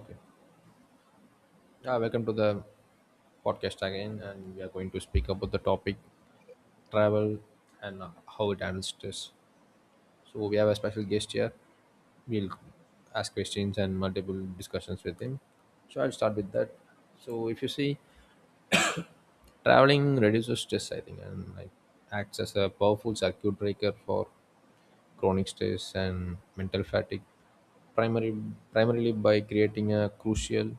Okay. Yeah, welcome to the podcast again, and we are going to speak about the topic travel and how it handles stress. So we have a special guest here. We'll ask questions and multiple discussions with him. So I'll start with that. So if you see, traveling reduces stress, I think, and like acts as a powerful circuit breaker for chronic stress and mental fatigue, primary primarily by creating a crucial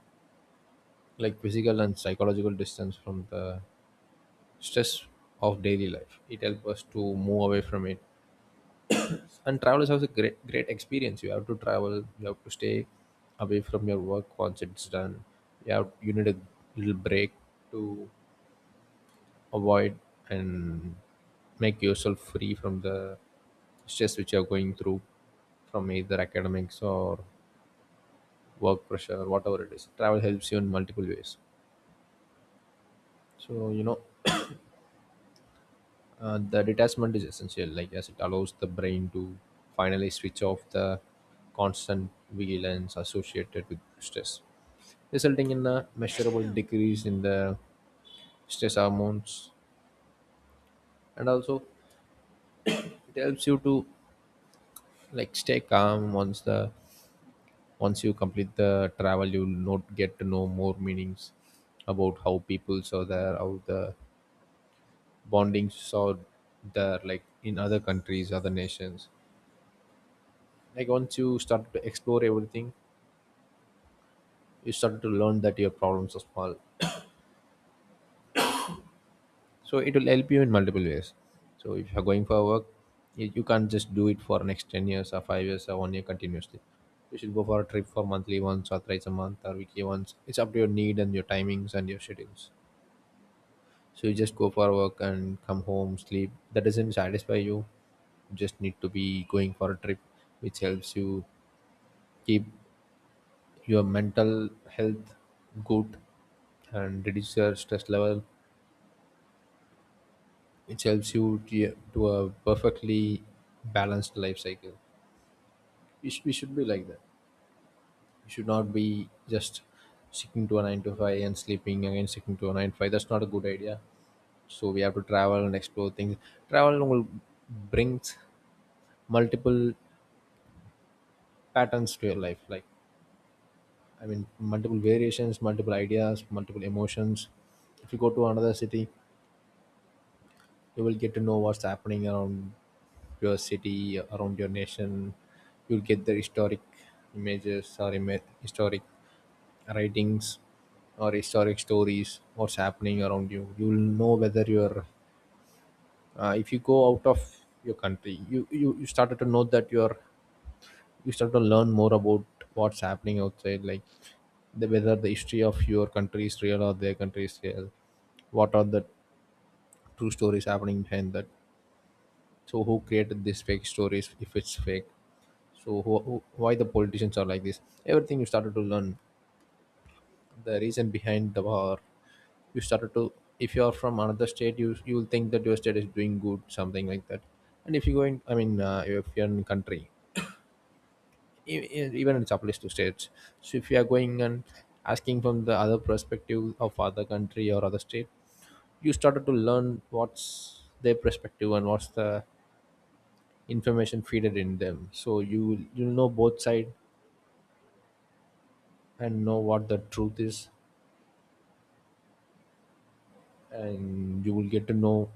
like physical and psychological distance from the stress of daily life. It helps us to move away from it. And travel is also a great, great experience. You have to travel. You have to stay away from your work once it's done. You need a little break to avoid and make yourself free from the stress which you are going through from either academics or work pressure, whatever it is. Travel helps you in multiple ways. So the detachment is essential, like as it allows the brain to finally switch off the constant vigilance associated with stress, resulting in a measurable decrease in the stress hormones, and also it helps you to like stay calm once you complete the travel. You'll not get to know more meanings about how people saw there, how the bondings saw there, like in other countries, other nations, like once you start to explore everything, you start to learn that your problems are small, so it will help you in multiple ways. So if you're going for a work, you can't just do it for next 10 years or 5 years or 1 year continuously. You should go for a trip for monthly once or thrice a month or weekly once. It's up to your need and your timings and your schedules. So you just go for work and come home sleep, that doesn't satisfy You just need to be going for a trip which helps you keep your mental health good and reduce your stress level, which helps you to a perfectly balanced life cycle. We should be like that. We should not be just sticking to a 9 to 5 and sleeping again, sticking to a 9 to 5. That's not a good idea. So we have to travel and explore things. Travel will brings multiple patterns to your life, i mean multiple variations, multiple ideas, multiple emotions. If you go to another city, you will get to know what's happening around your city, around your nation. You'll get the historic images, or historic writings, or historic stories what's happening around you. You'll know whether you're, if you go out of your country, you started to know that you start to learn more about what's happening outside, like the whether the history of your country is real or their country is real, what are the true stories happening behind that. So who created these fake stories if it's fake? So why the politicians are like this, everything you started to learn. The reason behind the war, you started to, if you are from another state, you will think that your state is doing good, something like that. And if you go in, I mean, if you're in country, even it applies to states. So if you are going and asking from the other perspective of other country or other state, you started to learn what's their perspective and what's the information feeded in them, so you'll know both side and know what the truth is. And you will get to know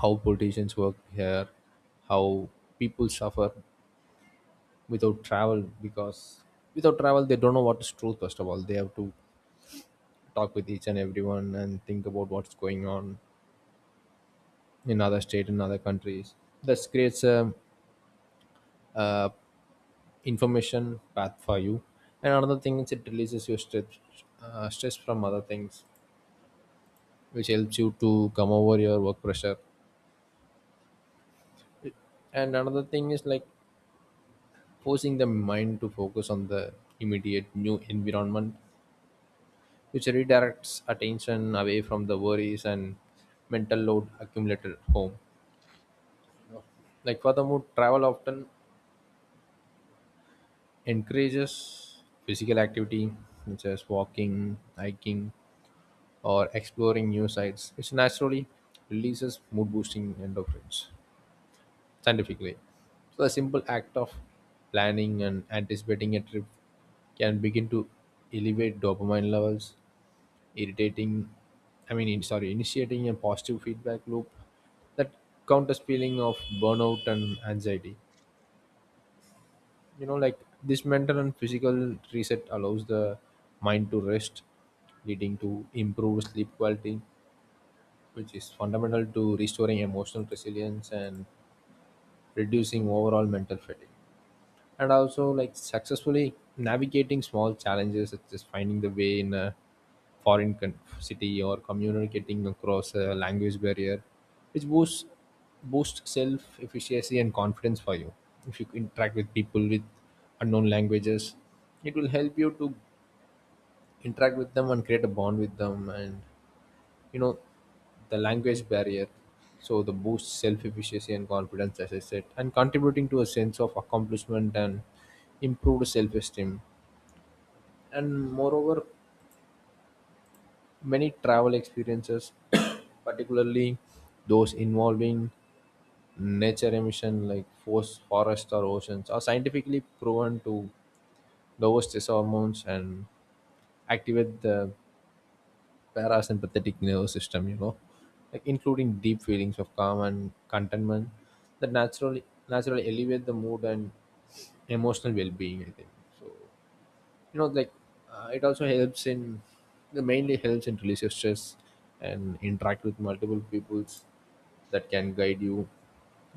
how politicians work here, how people suffer without travel, because without travel they don't know what is truth. First of all they have to talk with each and everyone and think about what's going on in other state, in other countries. This creates a, uh information path for you. And another thing is it releases your stress from other things, which helps you to come over your work pressure. And another thing is like forcing the mind to focus on the immediate new environment, which redirects attention away from the worries and mental load accumulated at home. Like furthermore, travel often encourages physical activity such as walking, hiking, or exploring new sites, which naturally releases mood boosting endorphins, scientifically. So the simple act of planning and anticipating a trip can begin to elevate dopamine levels, irritating I mean in- sorry, initiating a positive feedback loop that counters feeling of burnout and anxiety. Like this mental and physical reset allows the mind to rest, leading to improved sleep quality, which is fundamental to restoring emotional resilience and reducing overall mental fatigue. And also like successfully navigating small challenges such as finding the way in a foreign city, or communicating across a language barrier, which boosts self efficacy and confidence for you. If you interact with people with unknown languages, it will help you to interact with them and create a bond with them and, you know, the language barrier. So the boosts self-efficacy and confidence, as I said, and contributing to a sense of accomplishment and improved self-esteem. And moreover, many travel experiences particularly those involving nature emission, like forest or oceans, are scientifically proven to lower stress hormones and activate the parasympathetic nervous system, like including deep feelings of calm and contentment that naturally elevate the mood and emotional well-being. I think so. Like, uh, it also helps in it mainly helps in release your stress and interact with multiple peoples that can guide you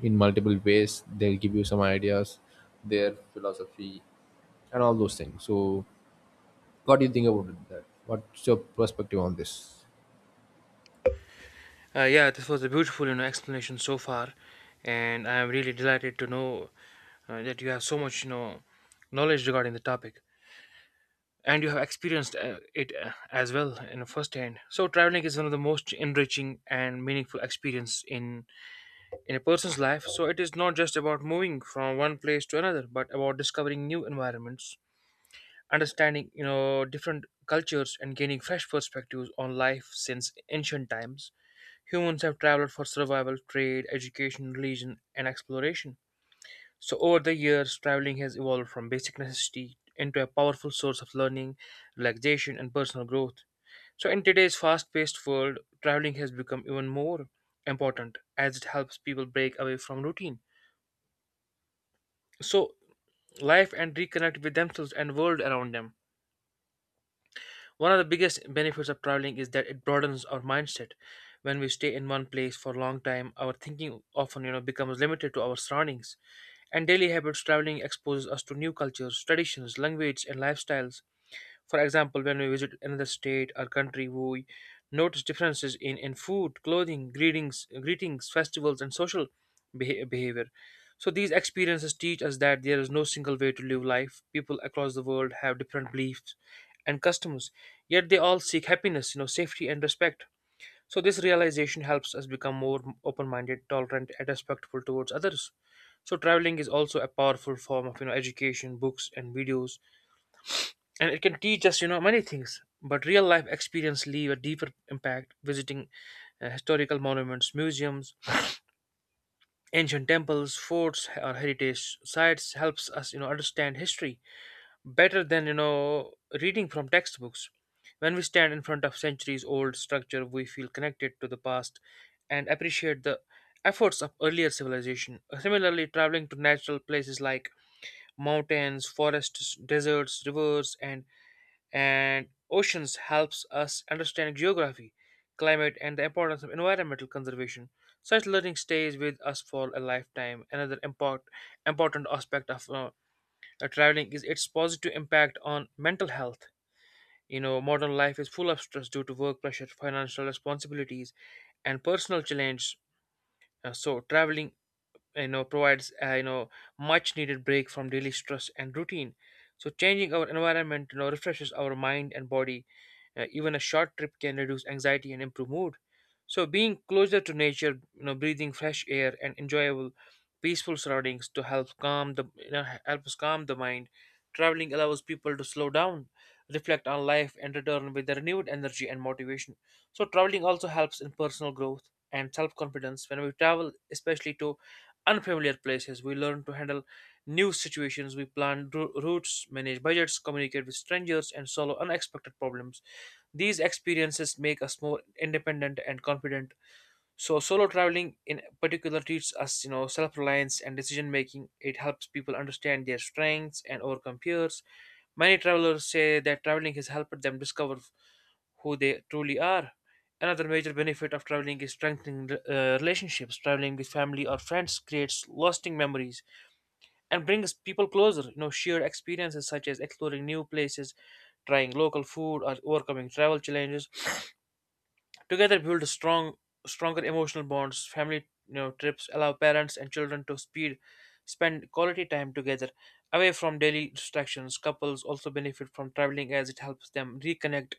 in multiple ways. They'll give you some ideas, their philosophy, and all those things. So, what do you think about that? What's your perspective on this? Yeah, this was a beautiful, explanation so far, and I am really delighted to know that you have so much, knowledge regarding the topic, and you have experienced it as well, you know, firsthand. So traveling is one of the most enriching and meaningful experience in a person's life. So it is not just about moving from one place to another, but about discovering new environments, understanding, you know, different cultures, and gaining fresh perspectives on life since ancient times. Humans have traveled for survival, trade, education, religion, and exploration. So over the years, traveling has evolved from basic necessity into a powerful source of learning, relaxation, and personal growth. So in today's fast-paced world, traveling has become even more important as it helps people break away from routine so life and reconnect with themselves and world around them. One of the biggest benefits of traveling is that it broadens our mindset. When we stay in one place for a long time, our thinking often, you know, becomes limited to our surroundings and daily habits. Traveling exposes us to new cultures, traditions, languages, and lifestyles. For example, when we visit another state or country, we notice differences in food, clothing, greetings, festivals, and social behavior. So these experiences teach us that there is no single way to live life. People across the world have different beliefs and customs, yet they all seek happiness, you know, safety and respect. So this realization helps us become more open-minded, tolerant, and respectful towards others. So traveling is also a powerful form of, you know, education, books, and videos, and it can teach us, you know, many things, but real life experience leave a deeper impact visiting historical monuments, museums, ancient temples, forts, or heritage sites helps us, you know, understand history better than, you know, reading from textbooks. When we stand in front of centuries old structure, we feel connected to the past and appreciate the efforts of earlier civilization. Similarly, traveling to natural places like mountains, forests, deserts, rivers, and oceans helps us understand geography, climate, and the importance of environmental conservation. Such learning stays with us for a lifetime. Important aspect of traveling is its positive impact on mental health. You know, modern life is full of stress due to work pressure, financial responsibilities, and personal challenges. So, traveling, you know, provides, you know, much needed break from daily stress and routine. So changing our environment, you know, refreshes our mind and body. Even a short trip can reduce anxiety and improve mood. So being closer to nature, you know, breathing fresh air and enjoyable peaceful surroundings to help us calm the mind. Traveling allows people to slow down, reflect on life, and return with a renewed energy and motivation. So traveling also helps in personal growth and self-confidence. When we travel, especially to unfamiliar places, we learn to handle new situations. We plan routes, manage budgets, communicate with strangers, and solve unexpected problems. These experiences make us more independent and confident. So, solo traveling in particular teaches us, you know, self-reliance and decision-making. It helps people understand their strengths and overcome fears. Many travelers say that traveling has helped them discover who they truly are. Another major benefit of traveling is strengthening relationships. Traveling with family or friends creates lasting memories and brings people closer. You know, shared experiences such as exploring new places, trying local food, or overcoming travel challenges together, stronger emotional bonds. Family, you know, trips allow parents and children to spend quality time together, away from daily distractions. Couples also benefit from traveling as it helps them reconnect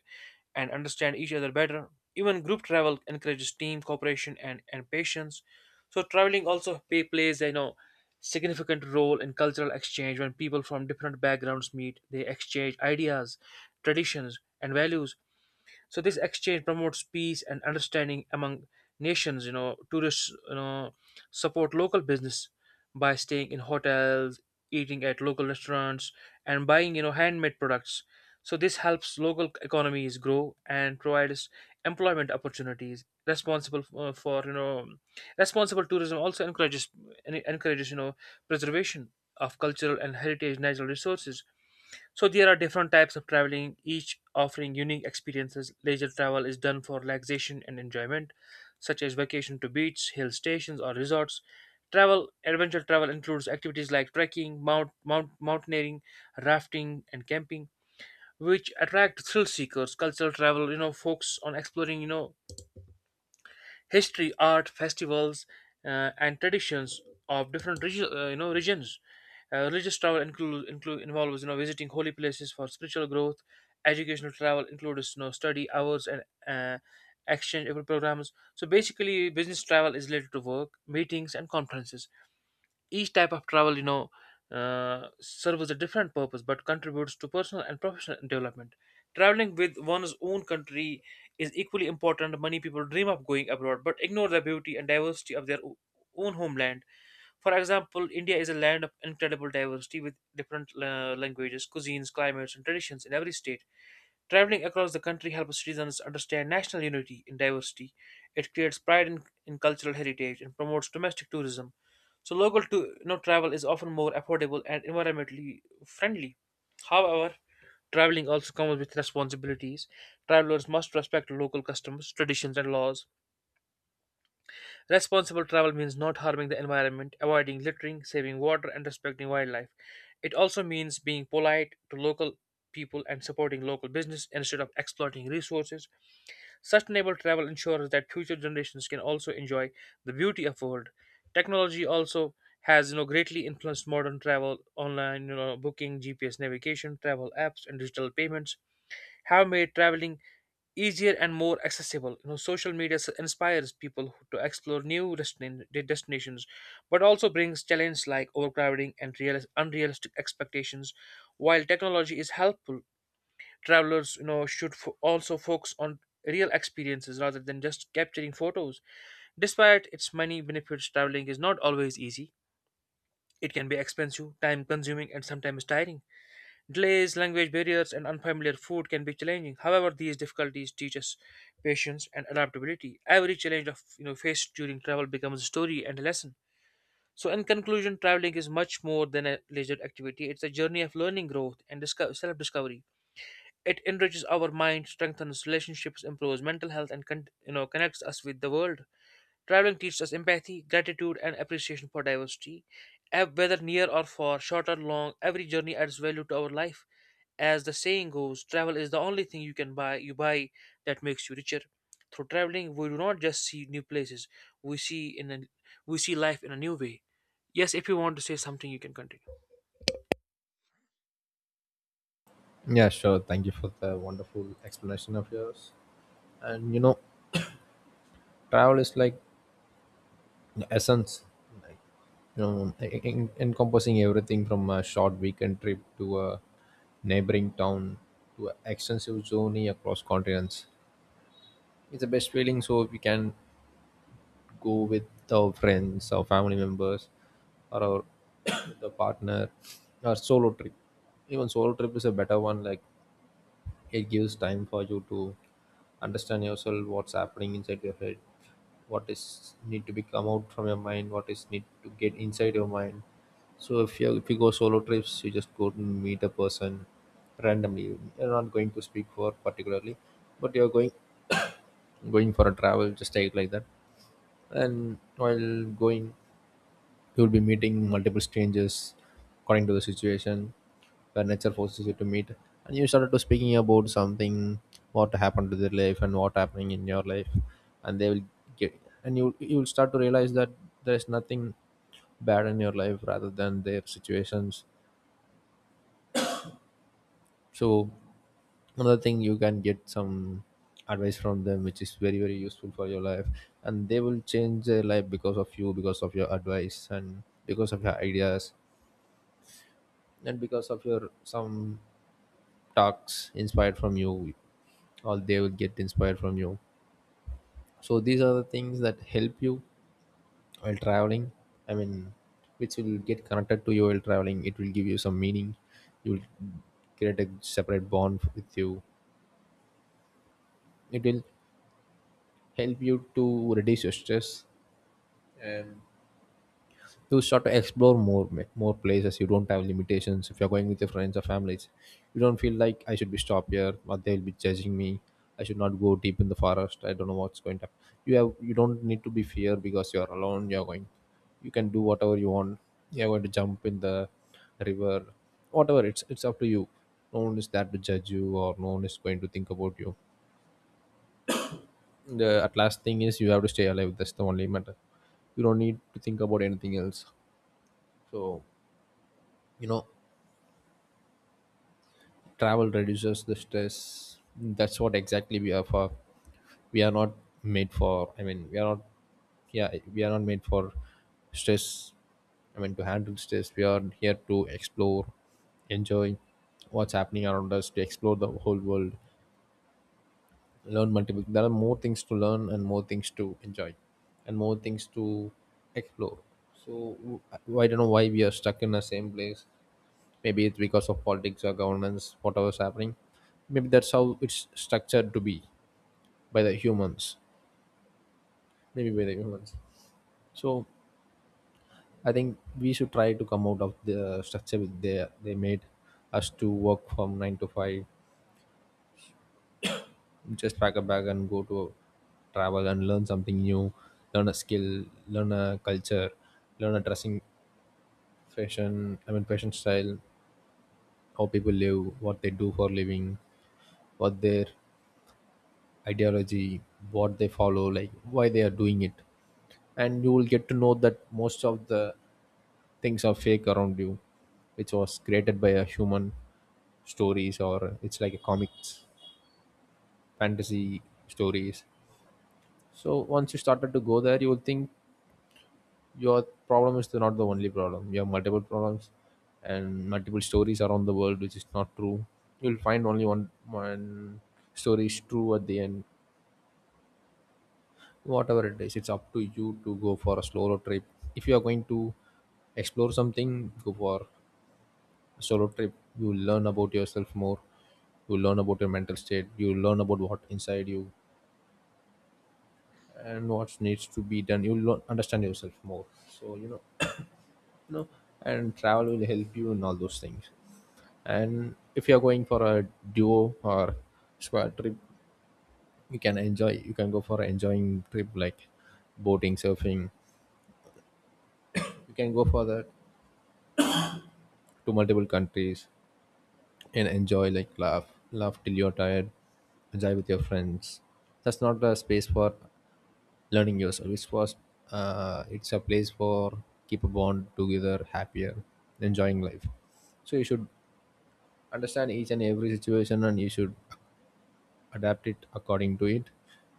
and understand each other better. Even group travel encourages team cooperation and patience. So traveling also plays, you know, significant role in cultural exchange when people from different backgrounds meet. They exchange ideas, traditions, and values. So this exchange promotes peace and understanding among nations. You know, tourists, you know, support local business by staying in hotels, eating at local restaurants, and buying, you know, handmade products. So this helps local economies grow and provides employment opportunities responsible for you know, responsible tourism also encourages encourages, you know, preservation of cultural and heritage natural resources. So there are different types of traveling, each offering unique experiences. Leisure travel is done for relaxation and enjoyment, such as vacation to beach, hill stations, or resorts. Travel adventure travel includes activities like trekking, mountaineering, rafting, and camping, which attract thrill seekers. Cultural travel, you know, focuses on exploring, you know, history, art, festivals, and traditions of different you know regions. Religious travel include, include involves, you know, visiting holy places for spiritual growth. Educational travel includes, you know, study hours and uh, exchange programs. So basically, business travel is related to work, meetings, and conferences. Each type of travel, you know, serves a different purpose but contributes to personal and professional development. Traveling with one's own country is equally important. Many people dream of going abroad but ignore the beauty and diversity of their own homeland. For example, India is a land of incredible diversity with different languages, cuisines, climates, and traditions in every state. Traveling across the country helps citizens understand national unity in diversity. It creates pride in cultural heritage and promotes domestic tourism. So local to, you know, travel is often more affordable and environmentally friendly. However, traveling also comes with responsibilities. Travelers must respect local customs, traditions, and laws. Responsible travel means not harming the environment, avoiding littering, saving water, and respecting wildlife. It also means being polite to local people and supporting local business instead of exploiting resources. Sustainable travel ensures that future generations can also enjoy the beauty of world. Technology also has, you know, greatly influenced modern travel. Online, you know, booking, GPS navigation, travel apps, and digital payments have made traveling easier and more accessible. You know, social media inspires people to explore new destinations, but also brings challenges like overcrowding and unrealistic expectations. While technology is helpful, travelers, you know, should also focus on real experiences rather than just capturing photos. Despite its many benefits, traveling is not always easy. It can be expensive, time consuming, and sometimes tiring. Delays, language barriers, and unfamiliar food can be challenging. However, these difficulties teach us patience and adaptability. Every challenge of, you know, faced during travel becomes a story and a lesson. So in conclusion, traveling is much more than a leisure activity. It's a journey of learning, growth, and self-discovery. It enriches our mind, strengthens relationships, improves mental health, and you know connects us with the world. Traveling teaches us empathy, gratitude, and appreciation for diversity. Whether near or far, short or long, every journey adds value to our life. As the saying goes, travel is the only thing you can buy. You buy That makes you richer. Through traveling, we do not just see new places. We see in a, we see life in a new way. Yes, if you want to say something, you can continue. Yeah, sure. Thank you for the wonderful explanation of yours. And, travel is like the essence, like, encompassing everything from a short weekend trip to a neighboring town to an extensive journey across continents. It's the best feeling. So we can go with our friends, our family members, or our the partner, or solo trip. Even solo trip is a better one. Like, it gives time for you to understand yourself, what's happening inside your head, what is need to be come out from your mind, what is need to get inside your mind. So if you go solo trips, you just go and meet a person randomly. You're not going to speak for particularly, but you're going for a travel, just take like that. And while going, you'll be meeting multiple strangers according to the situation where nature forces you to meet, and you started to speaking about something, what happened to their life and what happening in your life, and they will get. And you will start to realize that there's nothing bad in your life rather than their situations. So another thing, you can get some advice from them which is very very useful for your life, and they will change their life because of you, because of your advice, and because of your ideas, and because of your some talks inspired from you, or they will get inspired from you. So these are the things that help you while traveling, I mean, which will get connected to you while traveling. It will give you some meaning. You will create a separate bond with you. It will help you to reduce your stress. You start to explore more places. You don't have limitations. If you're going with your friends or families, you don't feel like I should be stopped here, or they'll be judging me, I should not go deep in the forest, I don't know what's going to happen. You don't need to be fear, because you're alone, you're going, you can do whatever you want. You're going to jump in the river, whatever, it's up to you. No one is there to judge you, or no one is going to think about you. The at last thing is you have to stay alive, that's the only matter. You don't need to think about anything else. So, you know travel reduces the stress. That's what exactly we are for. We are not made for, I mean, we are not, yeah, we are not made for stress. I mean, to handle stress, we are here to explore, enjoy what's happening around us, to explore the whole world, learn multiple, there are more things to learn and more things to enjoy and more things to explore. So I don't know why we are stuck in the same place. Maybe it's because of politics or governance, whatever's happening. Maybe that's how it's structured to be, by the humans, maybe by the humans. So I think we should try to come out of the structure with they made us to work from 9 to 5. Just pack a bag and go to travel and learn something new. Learn a skill, learn a culture, learn a dressing fashion. Fashion style, how people live, what they do for living, what their ideology, what they follow, like why they are doing it. And you will get to know that most of the things are fake around you, which was created by a human. Stories, or it's like a comics, fantasy stories. So once you started to go there, you will think your problem is not the only problem. You have multiple problems and multiple stories around the world, which is not true. You'll find only one story is true at the end. Whatever it is, it's up to you to go for a solo trip. If you are going to explore something, go for a solo trip. You will learn about yourself more, you will learn about your mental state, you will learn about what inside you and what needs to be done. You will learn, understand yourself more. You know and travel will help you in all those things. And if you are going for a duo or squad trip, you can enjoy, you can go for an enjoying trip, like boating, surfing. You can go for that to multiple countries and enjoy, like laugh, laugh till you're tired, enjoy with your friends. That's not a space for learning yourself. It's a place for keep a bond together, happier, enjoying life. So you should understand each and every situation and you should adapt it according to it.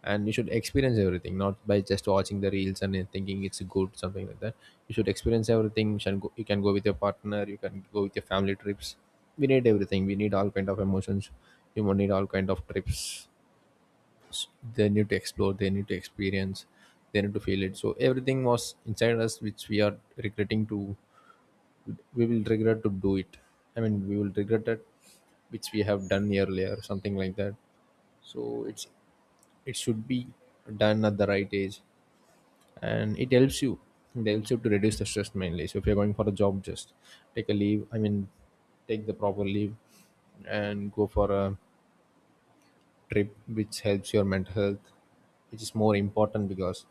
And you should experience everything, not by just watching the reels and then thinking it's good something like that. You should experience everything. You can go, you can go with your partner, you can go with your family trips. We need everything, we need all kind of emotions, you need all kind of trips. S- they need to explore, they need to experience, they need to feel it. So everything was inside us which we are regretting to we will regret to do it. I mean we will regret that which we have done earlier, something like that. So it's, it should be done at the right age, and it helps you. It helps you to reduce the stress mainly. So if you're going for a job, just take a leave. I mean, take the proper leave and go for a trip, which helps your mental health, which is more important because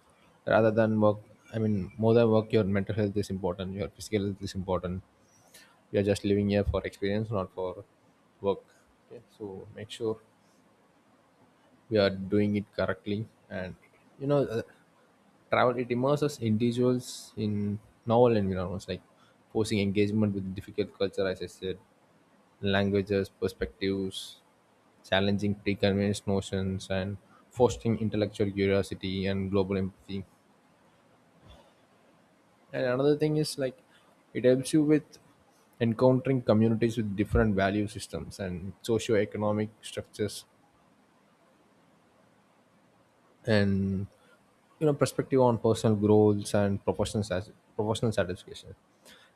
rather than work, I mean, more than work, your mental health is important. Your physical health is important. We are just living here for experience, not for work. Okay, so make sure we are doing it correctly. And you know Travel, it immerses individuals in novel environments, like forcing engagement with difficult culture, as I said, languages, perspectives, challenging preconceived notions and fostering intellectual curiosity and global empathy. And another thing is, like, it helps you with encountering communities with different value systems and socio-economic structures. And perspective on personal goals and professional professional satisfaction.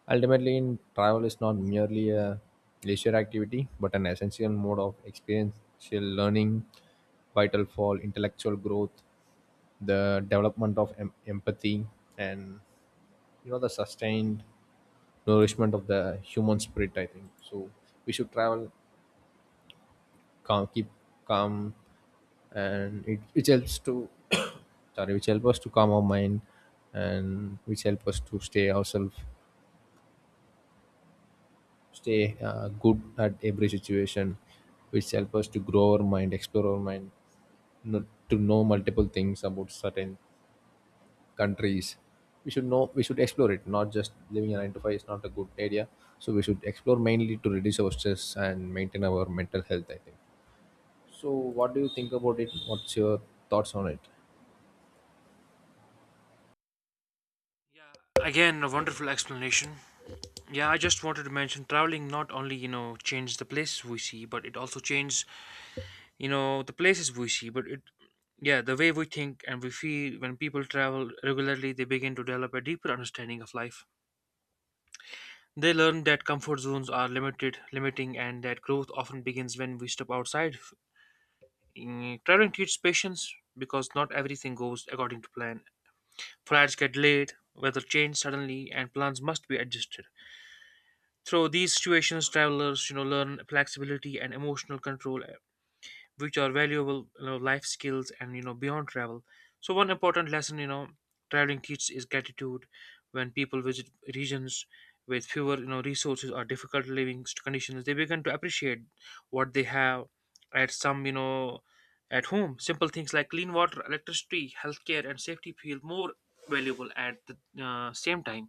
Ultimately, in travel is not merely a leisure activity but an essential mode of experiential learning, vital for intellectual growth, the development of empathy and, the sustained nourishment of the human spirit. I think so we should travel, calm, keep calm. And it which helps to sorry, which help us to calm our mind, and which help us to stay ourselves, stay good at every situation, which help us to grow our mind, explore our mind, not to know multiple things about certain countries. We should know, we should explore it. Not just living a 9 to 5 is not a good idea. So we should explore, mainly to reduce our stress and maintain our mental health, I think. So what do you think about it? What's your thoughts on it? Again, a wonderful explanation. Yeah, I just wanted to mention traveling not only, you know, changes the places we see, but it also changes, you know, the places we see, but it yeah, the way we think and we feel. When people travel regularly, they begin to develop a deeper understanding of life. They learn that comfort zones are limiting, and that growth often begins when we step outside. Mm, traveling teaches patience because not everything goes according to plan. Flights get delayed, weather changes suddenly, and plans must be adjusted. Through these situations, travelers, you know, learn flexibility and emotional control, which are valuable, you know, life skills and, you know, beyond travel. So one important lesson, you know, traveling teaches is gratitude. When people visit regions with fewer, you know, resources or difficult living conditions, they begin to appreciate what they have at some, you know, at home. Simple things like clean water, electricity, healthcare, and safety feel more valuable at the same time.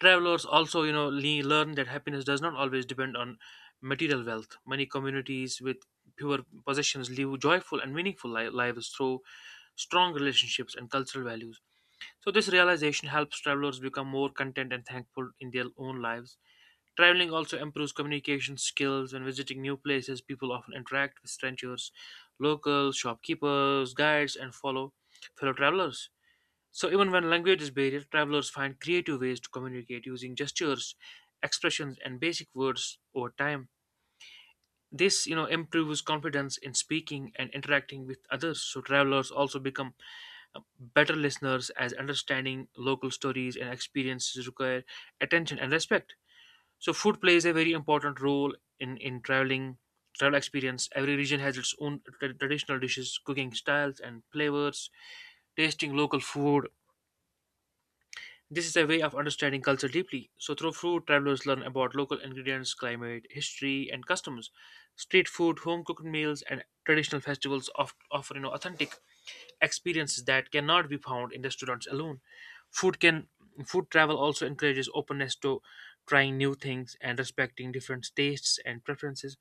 Travelers also, you know, learn that happiness does not always depend on material wealth. Many communities with fewer possessions live joyful and meaningful lives through strong relationships and cultural values. So, this realization helps travelers become more content and thankful in their own lives. Traveling also improves communication skills. When visiting new places, people often interact with strangers, locals, shopkeepers, guides, and follow fellow travelers. So even when language is barrier, travelers find creative ways to communicate using gestures, expressions, and basic words over time. This, you know, improves confidence in speaking and interacting with others. So travelers also become better listeners, as understanding local stories and experiences require attention and respect. So food plays a very important role in travel experience. Every region has its own traditional dishes, cooking styles, and flavors. Tasting local food this is a way of understanding culture deeply. So, through food, travelers learn about local ingredients, climate, history, and customs. Street food, home cooked meals, and traditional festivals of, offer authentic experiences that cannot be found in restaurants alone. Food can Food travel also encourages openness to trying new things and respecting different tastes and preferences.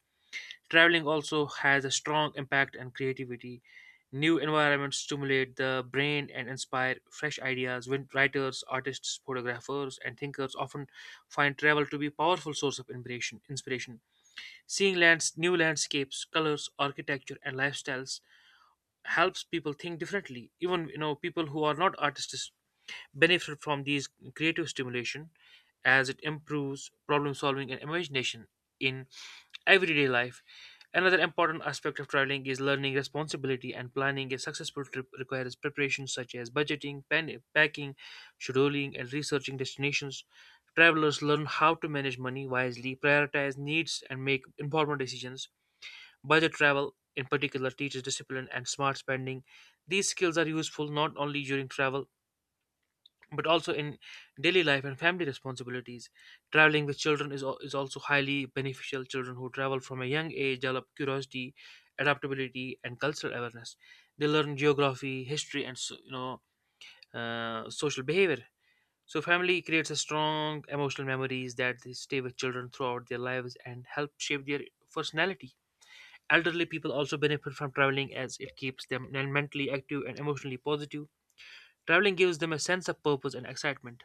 Traveling also has a strong impact on creativity. New environments stimulate the brain and inspire fresh ideas. When writers, artists, photographers, and thinkers often find travel to be a powerful source of inspiration. Seeing new landscapes, colors, architecture, and lifestyles helps people think differently. Even people who are not artists benefit from these creative stimulation, as it improves problem solving and imagination in everyday life. Another important aspect of traveling is learning responsibility and planning. A successful trip requires preparation such as budgeting, packing, scheduling, and researching destinations. Travelers learn how to manage money wisely, prioritize needs, and make informed decisions. Budget travel, in particular, teaches discipline and smart spending. These skills are useful not only during travel but also in daily life and family responsibilities. Traveling with children is also highly beneficial. Children who travel from a young age develop curiosity, adaptability, and cultural awareness. They learn geography, history, and so, social behavior. So family creates a strong emotional memories that they stay with children throughout their lives and help shape their personality. Elderly people also benefit from traveling as it keeps them mentally active and emotionally positive. Traveling gives them a sense of purpose and excitement.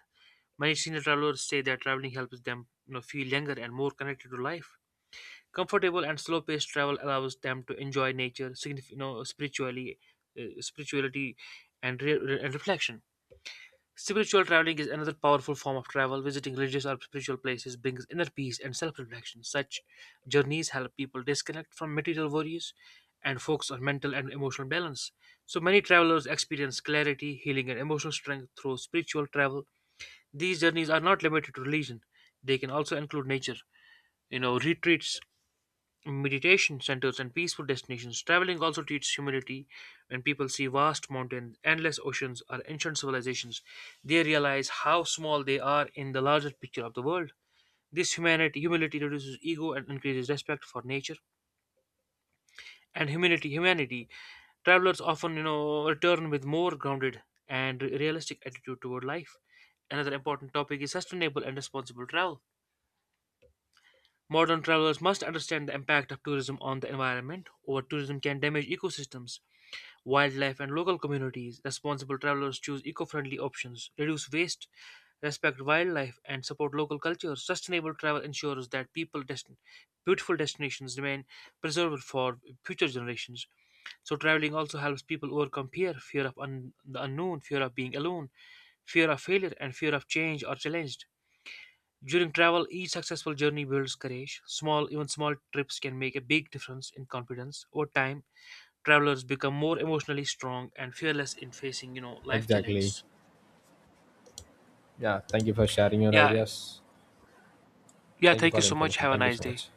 Many senior travelers say that traveling helps them feel younger and more connected to life. Comfortable and slow-paced travel allows them to enjoy nature, spiritually, spirituality, and reflection. Spiritual traveling is another powerful form of travel. Visiting religious or spiritual places brings inner peace and self-reflection. Such journeys help people disconnect from material worries and focus on mental and emotional balance. So many travelers experience clarity, healing, and emotional strength through spiritual travel. These journeys are not limited to religion, they can also include nature, retreats, meditation centers, and peaceful destinations. Traveling also teaches humility. When people see vast mountains, endless oceans, or ancient civilizations, they realize how small they are in the larger picture of the world. This humility reduces ego and increases respect for nature. And humanity travelers often return with more grounded and realistic attitude toward life. Another important topic is sustainable and responsible travel. Modern travelers must understand the impact of tourism on the environment. Over tourism can damage ecosystems, wildlife, and local communities. Responsible travelers choose eco friendly options, reduce waste, respect wildlife, and support local cultures. Sustainable travel ensures that beautiful destinations remain preserved for future generations. So, traveling also helps people overcome fear of the unknown, fear of being alone, fear of failure, and fear of change or challenged. During travel, each successful journey builds courage. Even small trips can make a big difference in confidence. Over time, travelers become more emotionally strong and fearless in facing, life Exactly. challenges. Yeah, thank you for sharing your Yeah, ideas. yeah, Thank you thank for you the so much. information. Have a Thank you nice so day. much.